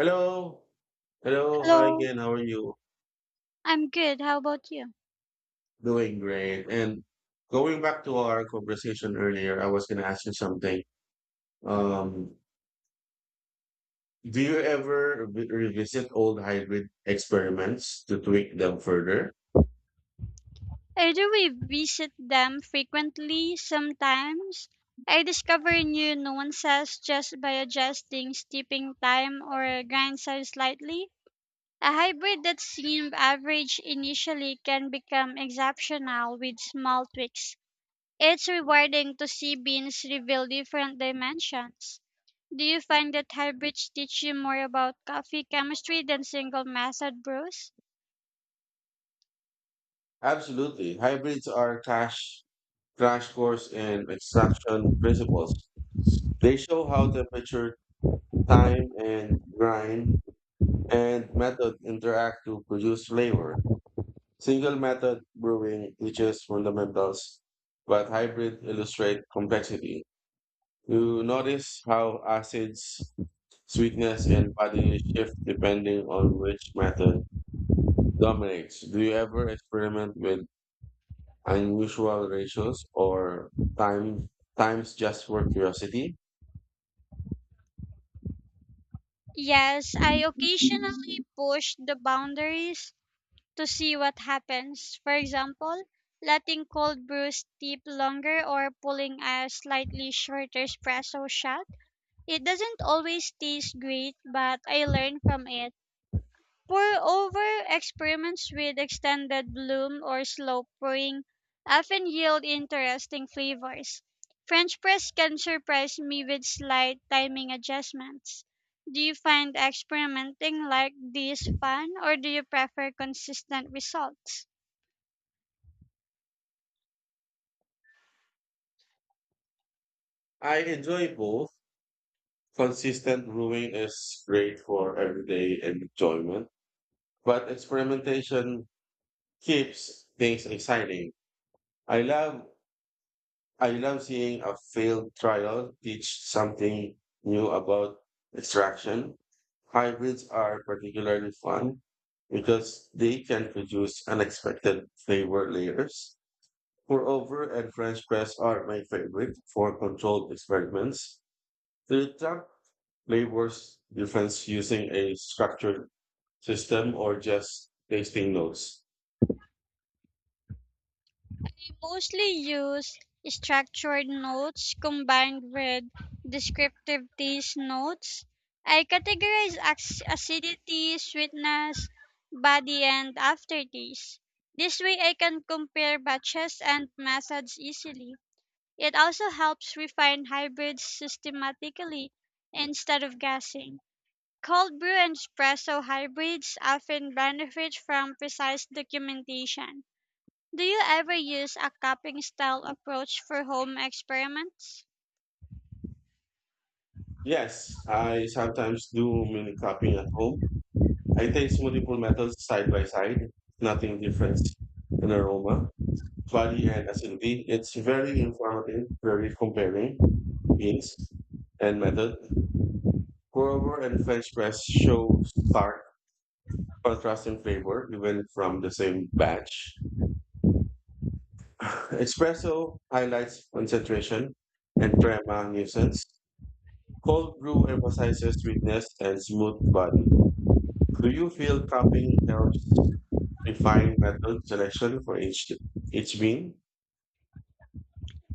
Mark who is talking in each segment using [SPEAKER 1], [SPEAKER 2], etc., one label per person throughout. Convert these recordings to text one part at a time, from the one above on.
[SPEAKER 1] Hello. Hello. Hi
[SPEAKER 2] Hello,
[SPEAKER 1] again. How are you?
[SPEAKER 2] I'm good. How about you?
[SPEAKER 1] Doing great. And going back to our conversation earlier, I was going to ask you something. Um, do you ever revisit old hybrid experiments to tweak them further?
[SPEAKER 2] I Do we visit them frequently, sometimes. I discover new nuances just by adjusting steeping time or grind size slightly. A hybrid that seemed average initially can become exceptional with small tweaks. It's rewarding to see beans reveal different dimensions. Do you find that hybrids teach you more about coffee chemistry than single method brews?
[SPEAKER 1] Absolutely. Crash course in extraction principles. They show how temperature, time, and grind and method interact to produce flavor. Single method brewing teaches fundamentals, but hybrid illustrate complexity. You notice how acids, sweetness, and body shift depending on which method dominates. Do you ever experiment with unusual ratios or time times just for curiosity?
[SPEAKER 2] Yes, I occasionally push the boundaries to see what happens. For example, letting cold brew steep longer or pulling a slightly shorter espresso shot. It doesn't always taste great, but I learn from it. Pour-over experiments with extended bloom or slow pouring often yield interesting flavors. French press can surprise me with slight timing adjustments. Do you find experimenting like this fun, or do you prefer consistent results?
[SPEAKER 1] I enjoy both. Consistent brewing is great for everyday enjoyment, but experimentation keeps things exciting. I love I love seeing a field trial teach something new about extraction. Hybrids are particularly fun because they can produce unexpected flavor layers. Moreover, and French press are my favorite for controlled experiments. To detect flavors difference using a structured system or just tasting notes.
[SPEAKER 2] We mostly use structured notes combined with descriptive taste notes. I categorize acidity, sweetness, body, and aftertaste. This way, I can compare batches and methods easily. It also helps refine hybrids systematically instead of guessing. Cold brew and espresso hybrids often benefit from precise documentation. Do you ever use a cupping style approach for home experiments?
[SPEAKER 1] Yes, I sometimes do mini cropping at home. I taste multiple metals side by side, nothing different in aroma, body, and acidity. It's very informative, very comparing beans and method. Guava and French press show stark contrast in flavor, even from the same batch. Espresso highlights concentration and crema nuisance. Cold brew emphasizes sweetness and smooth body. Do you feel cupping helps refine method selection for each bean?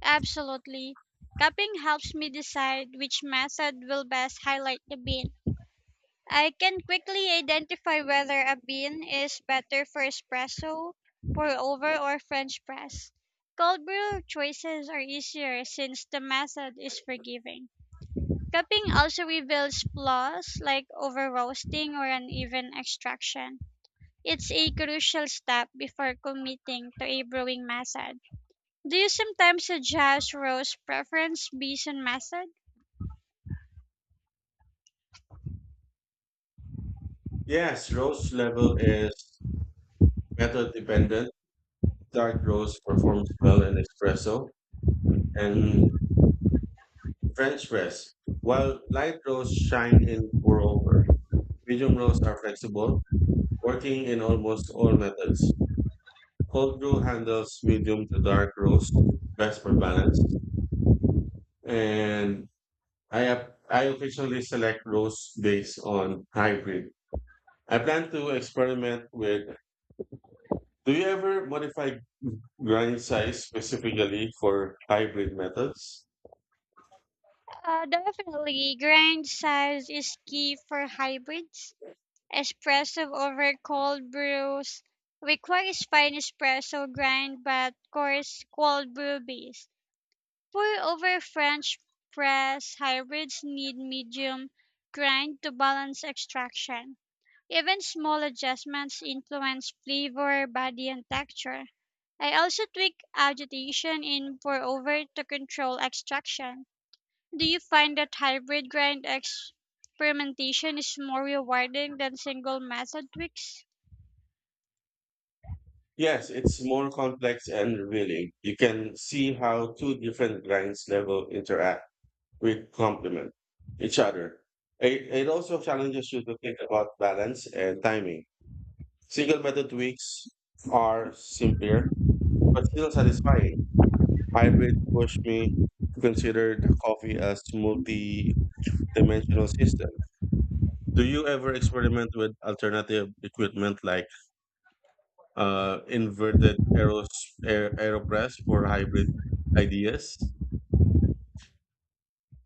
[SPEAKER 2] Absolutely. Cupping helps me decide which method will best highlight the bean. I can quickly identify whether a bean is better for espresso, pour over, or French press. Cold brew choices are easier since the method is forgiving. Cupping also reveals flaws like over roasting or uneven extraction. It's a crucial step before committing to a brewing method. Do you sometimes suggest roast preference based on method?
[SPEAKER 1] Yes, roast level is method dependent. Dark roast performs well in espresso and French press, while light roasts shine in pour over. Medium roasts are flexible, working in almost all methods. Cold brew handles medium to dark roast best for balance, and I occasionally select roast based on hybrid I plan to experiment with. Do you ever modify grind size specifically for hybrid metals?
[SPEAKER 2] Definitely. Grind size is key for hybrids. Espresso over cold brews requires fine espresso grind but coarse cold brew base. Pour over French press hybrids need medium grind to balance extraction. Even small adjustments influence flavor, body, and texture. I also tweak agitation in pour over to control extraction. Do you find that hybrid grind experimentation is more rewarding than single method tweaks?
[SPEAKER 1] Yes, it's more complex and revealing. You can see how two different grinds level interact with complement each other. It also challenges you to think about balance and timing. Single method tweaks are simpler, but still satisfying. Hybrid push me to consider the coffee as multi-dimensional system. Do you ever experiment with alternative equipment like uh, inverted aeros aeropress for hybrid ideas?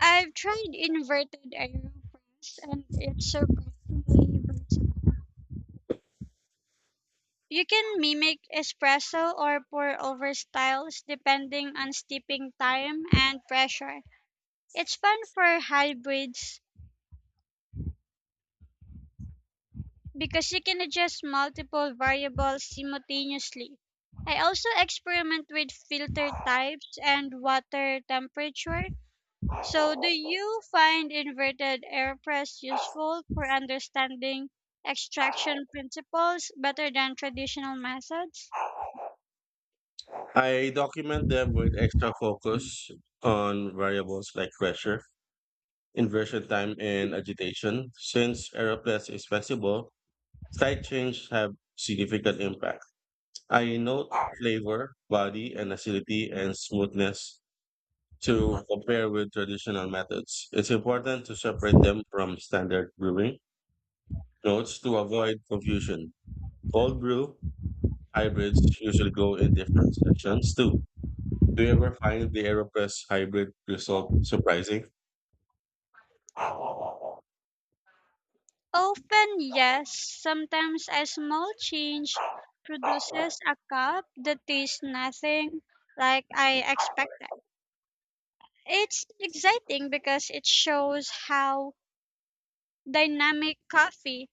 [SPEAKER 2] I've tried inverted aeropress and it's surprisingly versatile. You can mimic espresso or pour over styles depending on steeping time and pressure. It's fun for hybrids because you can adjust multiple variables simultaneously. I also experiment with filter types and water temperature. So, do you find inverted airpress useful for understanding extraction principles better than traditional methods?
[SPEAKER 1] I document them with extra focus on variables like pressure, inversion time, and agitation. Since aeropress is flexible, slight changes have significant impact. I note flavor, body, and acidity and smoothness to compare with traditional methods. It's important to separate them from standard brewing notes to avoid confusion. Cold brew hybrids usually go in different sections too. Do you ever find the AeroPress hybrid result surprising? I
[SPEAKER 2] Often, yes. Sometimes a small change produces a cup that tastes nothing like I expected. It's exciting because it shows how dynamic coffee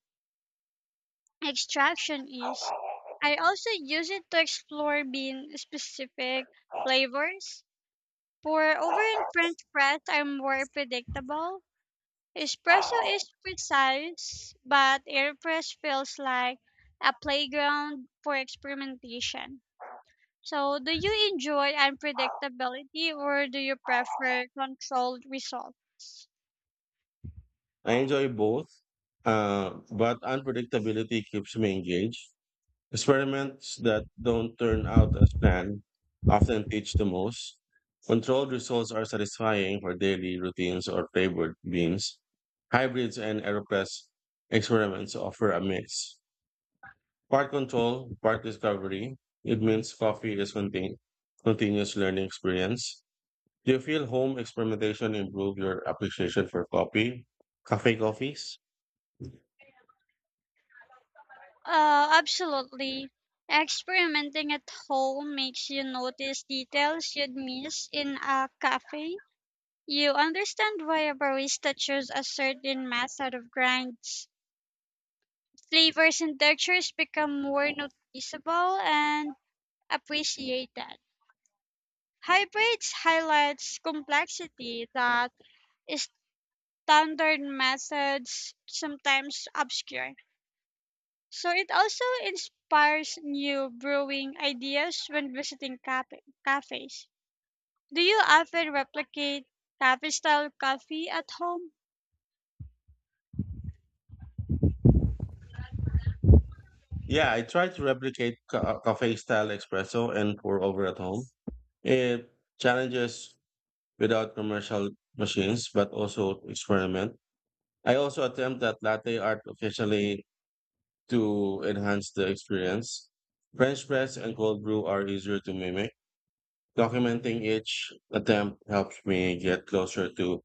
[SPEAKER 2] extraction is. I also use it to explore bean specific flavors. For over in French press are more predictable. Espresso is precise, but air press feels like a playground for experimentation. So, do you enjoy unpredictability, or do you prefer controlled results?
[SPEAKER 1] enjoy both, but unpredictability keeps me engaged. Experiments that don't turn out as planned often teach the most. Controlled results are satisfying for daily routines or flavored beans. Hybrids and AeroPress experiments offer a mix. Part control, part discovery. It means coffee is contain continuous learning experience. Do you feel home experimentation improve your appreciation for coffee, cafe coffees?
[SPEAKER 2] Absolutely. Experimenting at home makes you notice details you'd miss in a cafe. You understand why a barista chose a certain method of grinds. Flavors and textures become more noticeable and appreciated. Hybrids highlights complexity that standard methods sometimes obscure. So it also inspires new brewing ideas when visiting cafes. Do you often replicate cafe style coffee at home?
[SPEAKER 1] Yeah, I try to replicate cafe style espresso and pour over at home. It challenges without commercial machines, but also experiment. I also attempt that latte art occasionally to enhance the experience. French press and cold brew are easier to mimic. Documenting each attempt helps me get closer to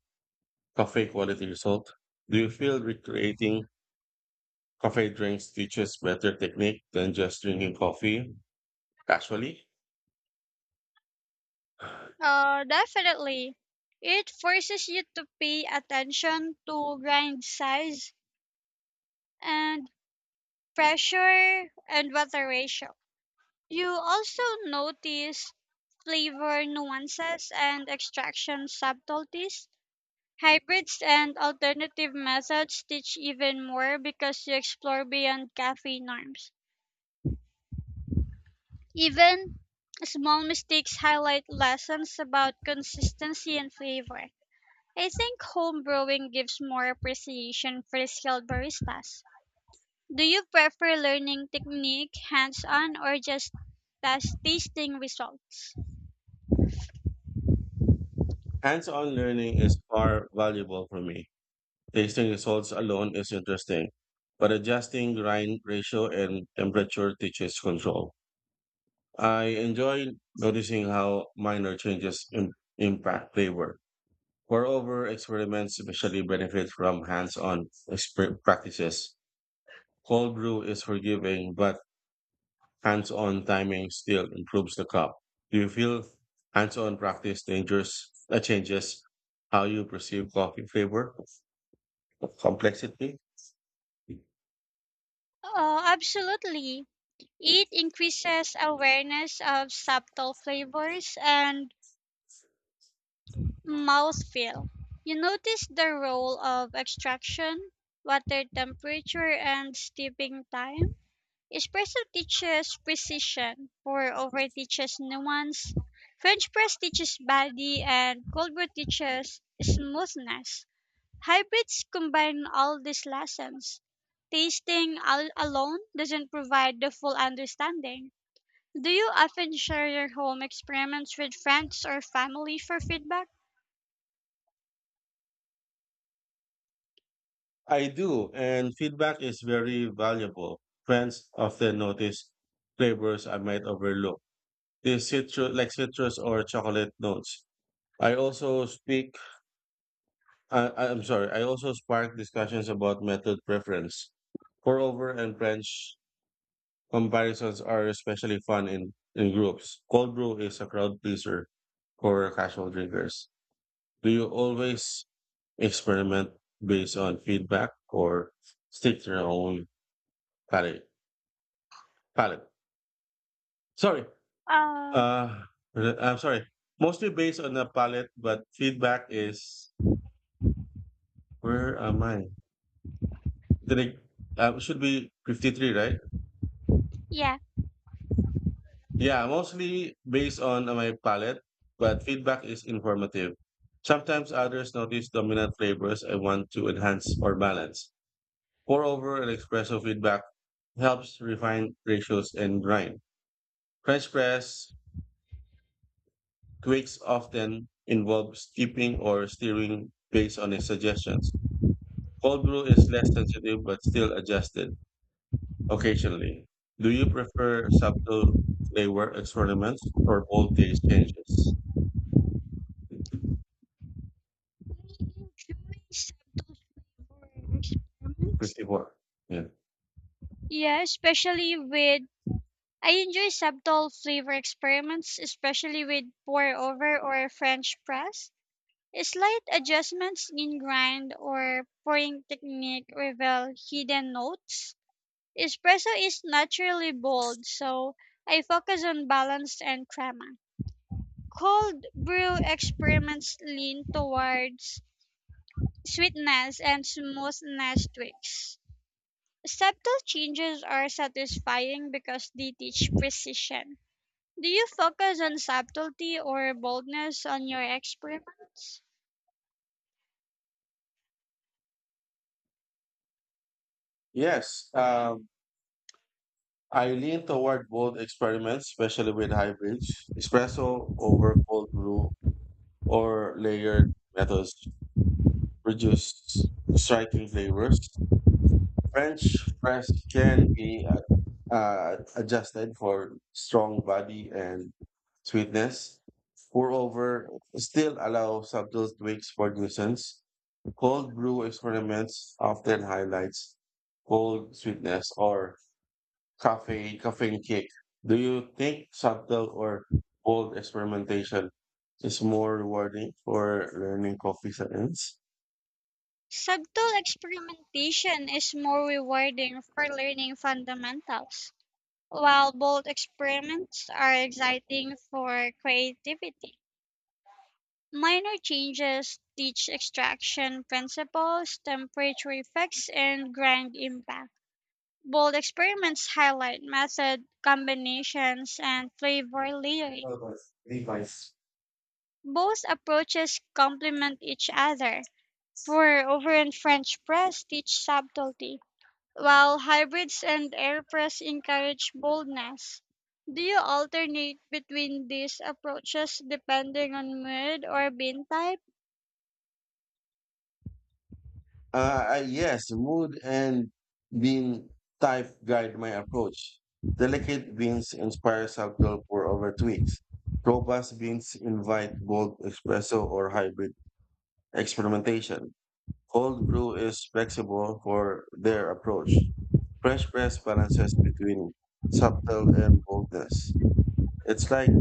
[SPEAKER 1] coffee quality result. Do you feel recreating coffee drinks teaches better technique than just drinking coffee? Actually,
[SPEAKER 2] Definitely. It forces you to pay attention to grind size and pressure and water ratio. You also notice flavor nuances and extraction subtleties. Hybrids and alternative methods teach even more because you explore beyond cafe norms. Even small mistakes highlight lessons about consistency and flavor. I think home brewing gives more appreciation for skilled baristas. Do you prefer learning technique hands on, or just test tasting results?
[SPEAKER 1] hands-on learning is far valuable for me. Tasting results alone is interesting, but adjusting grind ratio and temperature teaches control. I enjoy noticing how minor changes impact flavor. Moreover, experiments especially benefit from practices. Cold brew is forgiving, but hands-on timing still improves the cup. Do you feel hands-on practice dangers changes how you perceive coffee flavor complexity?
[SPEAKER 2] Oh, absolutely. It increases awareness of subtle flavors and mouthfeel. You notice the role of extraction, water temperature, and steeping time. Espresso teaches precision, pour over teaches nuance, French press teaches body, and cold brew teaches smoothness. Hybrids combine all these lessons. Tasting alone doesn't provide the full understanding. Do you often share your home experiments with friends or family for feedback?
[SPEAKER 1] I do, and feedback is very valuable. Friends often notice flavors I might overlook, like citrus or chocolate notes. I also speak I- I'm sorry. I also sparked discussions about method preference. Pour-over and French comparisons are especially fun in groups. Cold brew is a crowd pleaser for casual drinkers. Do you always experiment based on feedback or stick to your own palate? Palate. Sorry.
[SPEAKER 2] Uh,
[SPEAKER 1] Uh, I'm sorry. Mostly based on the palate, but feedback is where am I? Did should be 53, right?
[SPEAKER 2] Yeah,
[SPEAKER 1] Yeah, mostly based on my palate, but feedback is informative. Sometimes others notice dominant flavors I want to enhance or balance. Moreover, an espresso feedback helps refine ratios and grind. French press quakes often involve skipping or steering based on his suggestions. Cold brew is less sensitive but still adjusted occasionally. Do you prefer subtle flavor experiments or bold taste changes?
[SPEAKER 2] I enjoy Sabto's flavor experiments.
[SPEAKER 1] 54. Yeah.
[SPEAKER 2] Yeah, especially with I enjoy subtle flavor experiments, especially with pour over or French press. Slight adjustments in grind or pouring technique reveal hidden notes. Espresso is naturally bold, so I focus on balance and crema. Cold brew experiments lean towards sweetness and smoothness tweaks. Subtle changes are satisfying because they teach precision. Do you focus on subtlety or boldness on your experiments?
[SPEAKER 1] Yes, I lean toward both experiments, especially with hybrids. Espresso over cold brew or layered methods produce striking flavors. French press can be adjusted for strong body and sweetness. Moreover, still allow subtle tweaks for nuisance. Cold brew experiments often highlights cold sweetness or caffeine kick. Do you think subtle or bold experimentation is more rewarding for learning coffee science?
[SPEAKER 2] Subtle experimentation is more rewarding for learning fundamentals, while bold experiments are exciting for creativity. Minor changes teach extraction principles, temperature effects, and grind impact. Bold experiments highlight method, combinations, and flavor layering.
[SPEAKER 1] Device.
[SPEAKER 2] Both approaches complement each other. For over and French press teach subtlety, while hybrids and air press encourage boldness. Do you alternate between these approaches depending on mood or bean type?
[SPEAKER 1] Yes, mood and bean type guide my approach. Delicate beans inspire subtle pour over tweaks. Robust beans invite bold espresso or hybrid experimentation. Cold brew is flexible for their approach. French press balances between subtle and boldness. It's like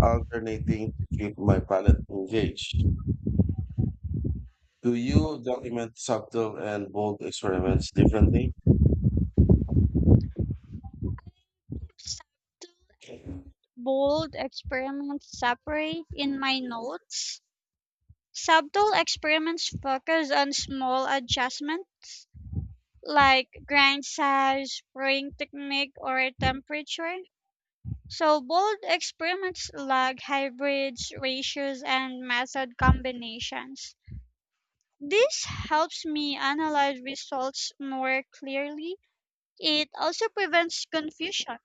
[SPEAKER 1] alternating to keep my palate engaged. Do you document subtle and bold experiments differently?
[SPEAKER 2] Subtle and bold experiments separate in my notes. Subtle experiments focus on small adjustments like grind size, spraying technique, or temperature. So bold experiments like hybrids, ratios, and method combinations. This helps me analyze results more clearly. It also prevents confusion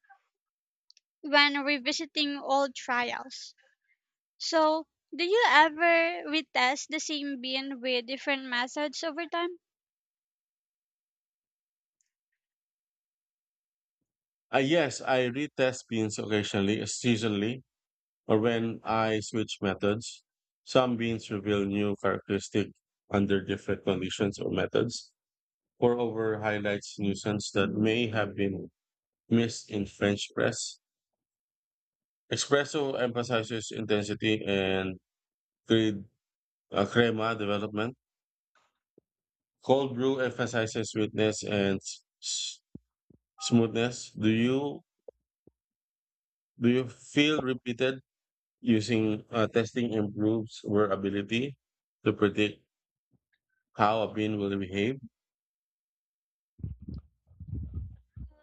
[SPEAKER 2] when revisiting old trials. So, do you ever retest the same bean with different methods over time?
[SPEAKER 1] Yes, I retest beans occasionally, seasonally, or when I switch methods. Some beans reveal new characteristics under different conditions or methods. Pour over highlights nuisance that may have been Miss in French press. Espresso emphasizes intensity and cre- crema development. Cold brew emphasizes sweetness and smoothness. Do you feel repeated using testing improves our ability to predict how a bean will behave?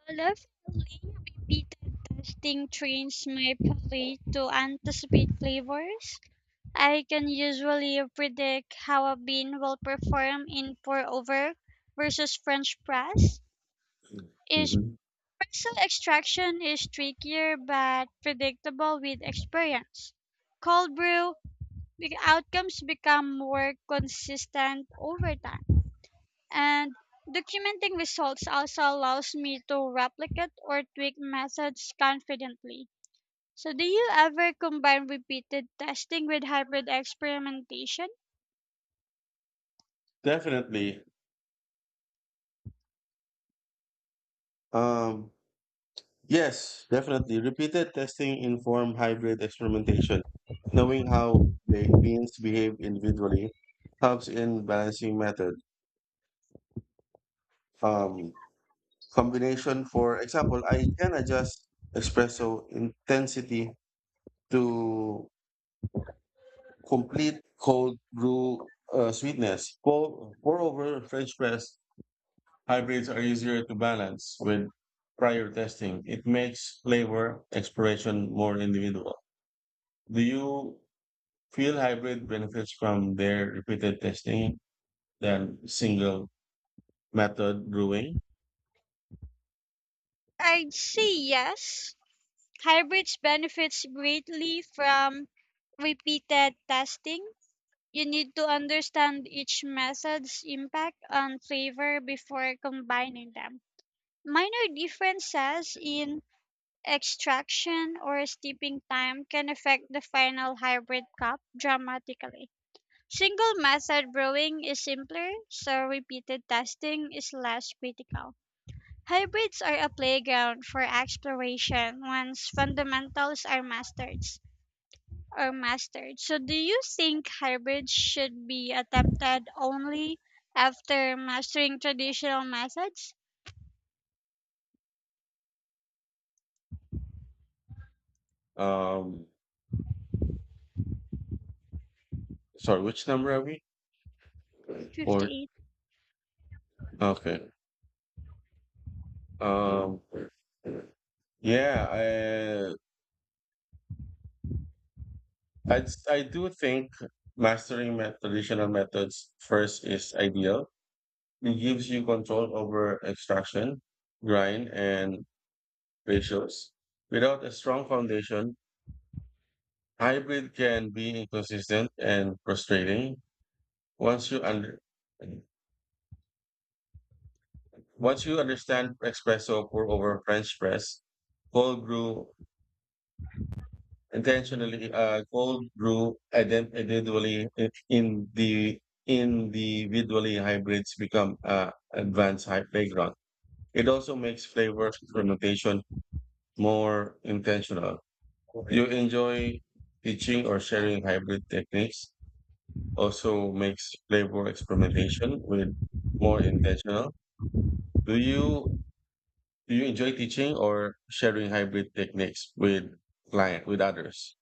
[SPEAKER 2] Lovingly repeated tasting trains my palate to anticipate flavors. I can usually predict how a bean will perform in pour over versus French press. Is
[SPEAKER 1] Mhm.
[SPEAKER 2] pretzel extraction is trickier but predictable with experience. Cold brew, the outcomes become more consistent over time. And documenting results also allows me to replicate or tweak methods confidently. So, do you ever combine repeated testing with hybrid experimentation?
[SPEAKER 1] Definitely. Um, Yes, definitely. Repeated testing inform hybrid experimentation. Knowing how beans behave individually helps in balancing method. Um, Combination, for example, I can adjust espresso intensity to complete cold brew sweetness. Moreover, French press hybrids are easier to balance with prior testing. It makes flavor exploration more individual. Do you Field hybrid benefits from their repeated testing than single method brewing.
[SPEAKER 2] I'd say yes. Hybrids benefits greatly from repeated testing. You need to understand each method's impact on flavor before combining them. Minor differences in extraction or steeping time can affect the final hybrid crop dramatically. Single method brewing is simpler, so repeated testing is less critical. Hybrids are a playground for exploration once fundamentals are mastered. Are mastered. So, do you think hybrids should be attempted only after mastering traditional methods?
[SPEAKER 1] Um, Sorry, which number are we? Or
[SPEAKER 2] 58.
[SPEAKER 1] okay. Um, yeah, I do think mastering traditional methods first is ideal. It gives you control over extraction, grind, and ratios. Without a strong foundation, hybrid can be inconsistent and frustrating. Once you under Once you understand espresso pour over French press, cold brew intentionally cold brew and then individually in the individually hybrids become advanced high playground. It also makes flavor fermentation more intentional. You enjoy teaching or sharing hybrid techniques also makes flavor experimentation with more intentional. Do you do you enjoy teaching or sharing hybrid techniques with client with others?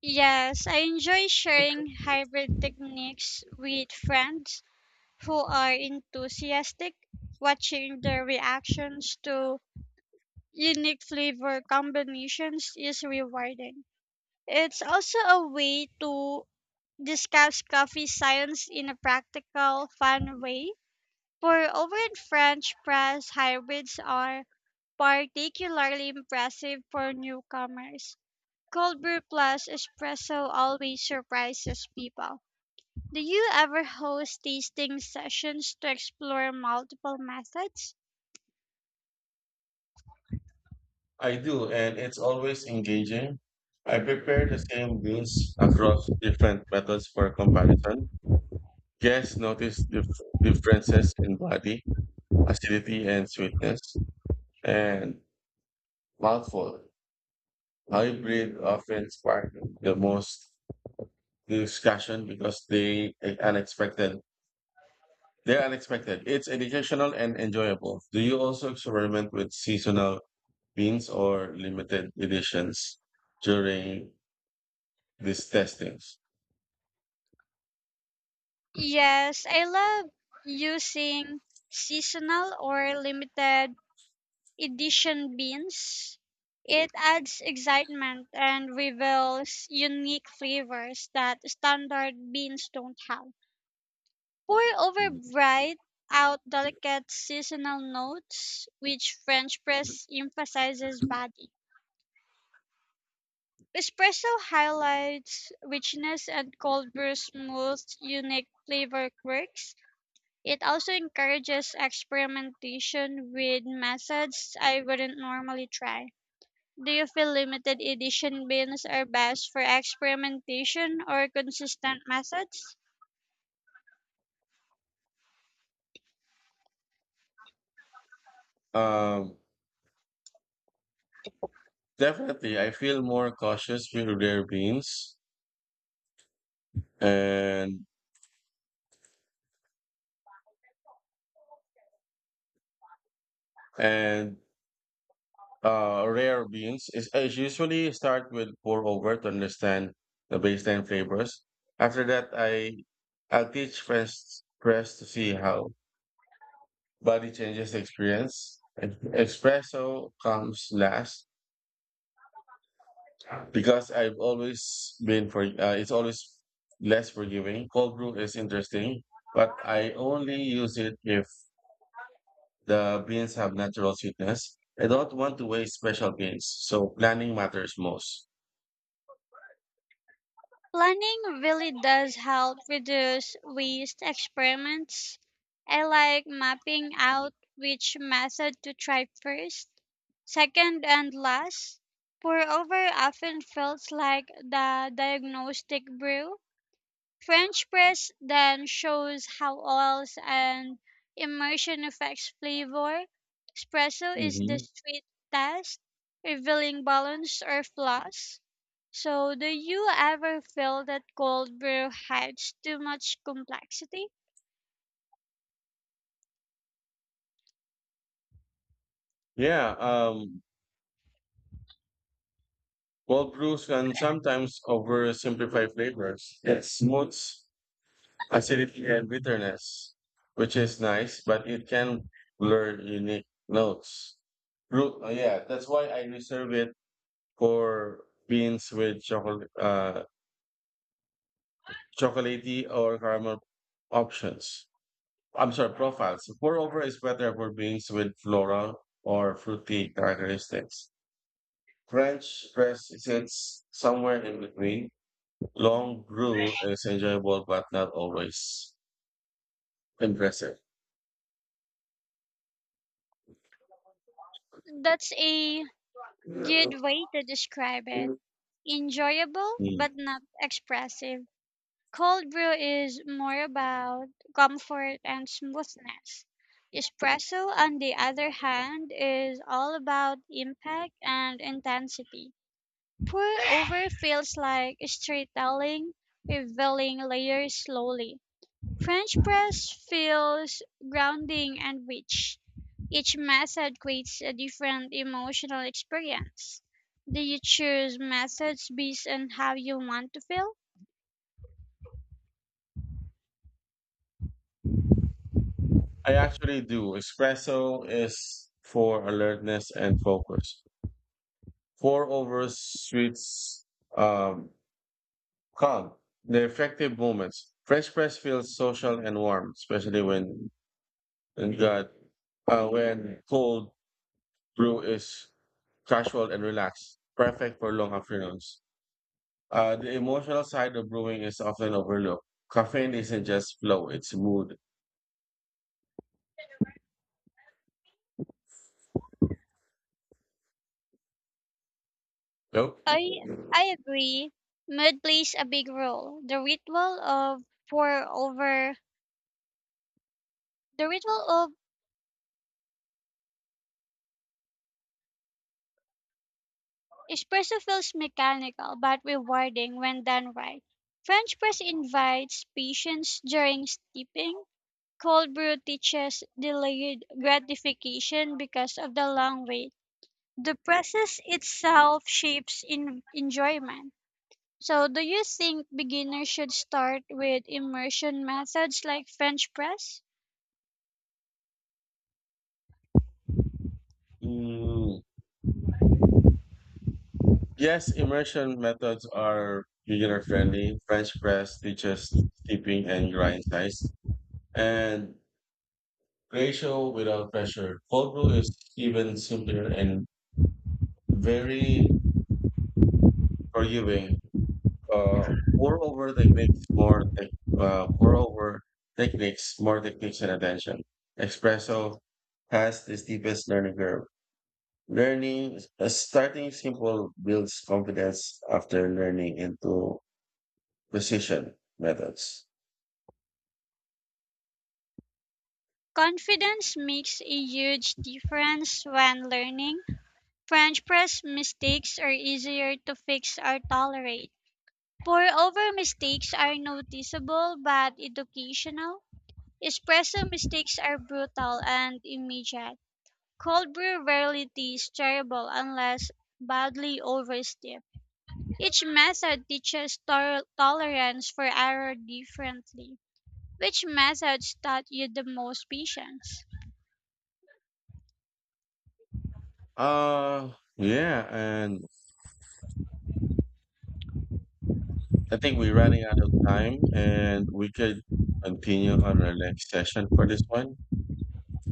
[SPEAKER 2] Yes, I enjoy sharing hybrid techniques with friends who are enthusiastic, watching their reactions to unique flavor combinations is rewarding. It's also a way to discuss coffee science in a practical, fun way. For over in French press, hybrids are particularly impressive for newcomers. Cold brew plus espresso always surprises people. Do you ever host tasting sessions to explore multiple methods?
[SPEAKER 1] I do, and it's always engaging. I prepare the same meals across different methods for comparison. Guests notice differences in body, acidity, and sweetness, and mouthful. Hybrid often spark the most discussion because they are unexpected. They're unexpected. It's educational and enjoyable. Do you also experiment with seasonal beans or limited editions during these testings?
[SPEAKER 2] Yes, I love using seasonal or limited edition beans. It adds excitement and reveals unique flavors that standard beans don't have. Pour over bright out delicate seasonal notes, which French press emphasizes body. Espresso highlights richness and cold brew smooths unique flavor quirks. It also encourages experimentation with methods I wouldn't normally try. Do you feel limited edition beans are best for experimentation or consistent methods?
[SPEAKER 1] Um, Definitely, I feel more cautious with rare beans and and rare beans is I usually start with pour over to understand the baseline flavors. After that, I'll teach friends press to see how body changes the experience. And Espresso comes last because I've always been for it's always less forgiving. Cold brew is interesting, but I only use it if the beans have natural sweetness. I don't want to waste special beans, so planning matters most.
[SPEAKER 2] Planning really does help reduce waste experiments. I like mapping out which method to try first, second, and last. Pour over often feels like the diagnostic brew. French press then shows how oils and immersion affects flavor. Espresso is the
[SPEAKER 1] Hmm.
[SPEAKER 2] street test, revealing balance or flaws. So, do you ever feel that cold brew hides too much complexity?
[SPEAKER 1] Yeah, cold brews can sometimes oversimplify flavors. It smooths acidity and bitterness, which is nice, but it can blur unique notes. Root, oh yeah, that's why I reserve it for beans with chocolatey or caramel options. I'm sorry, profiles. Moreover, is better for beans with floral or fruity characteristics. French press sits somewhere in between. Long brew is enjoyable, but not always impressive.
[SPEAKER 2] That's a
[SPEAKER 1] Mm.
[SPEAKER 2] good way to describe it. Enjoyable but not expressive. Cold brew is more about comfort and smoothness. Espresso, on the other hand, is all about impact and intensity. Pour over feels like storytelling, revealing layers slowly. French press feels grounding and rich. Each method creates a different emotional experience. Do you choose methods based on how you want to feel?
[SPEAKER 1] I actually do. Espresso is for alertness and focus. Pour over sweets, um, calm. The effective moments. French press feels social and warm, especially when and that when cold brew is casual and relaxed, perfect for long afternoons. The emotional side of brewing is often overlooked. Caffeine isn't just flow, it's mood. Nope.
[SPEAKER 2] I I agree. Mood plays a big role. Pour over, the ritual of espresso feels mechanical but rewarding when done right. French press invites patience during steeping. Cold brew teaches delayed gratification because of the long wait. The process itself shapes in enjoyment. So, do you think beginners should start with immersion methods like French press?
[SPEAKER 1] Mm, yes, immersion methods are beginner friendly. French press teaches steeping and grind size and ratio without pressure. Cold brew is even simpler and very forgiving. Uh, pour over techniques more tech, moreover techniques more techniques and attention. Espresso has the steepest learning curve. Learning starting simple builds confidence after learning into precision methods.
[SPEAKER 2] Confidence makes a huge difference when learning. French press mistakes are easier to fix or tolerate. Pour over mistakes are noticeable but educational. Espresso mistakes are brutal and immediate. Cold brew rarely tastes terrible unless badly oversteeped. Each method teaches tolerance for error differently. Which methods taught you the most patience?
[SPEAKER 1] Uh yeah, and I think we're running out of time, and we could continue on our next session for this one.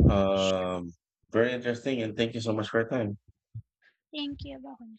[SPEAKER 1] Um, Very interesting, and thank you so much for your time.
[SPEAKER 2] Thank you. Bye.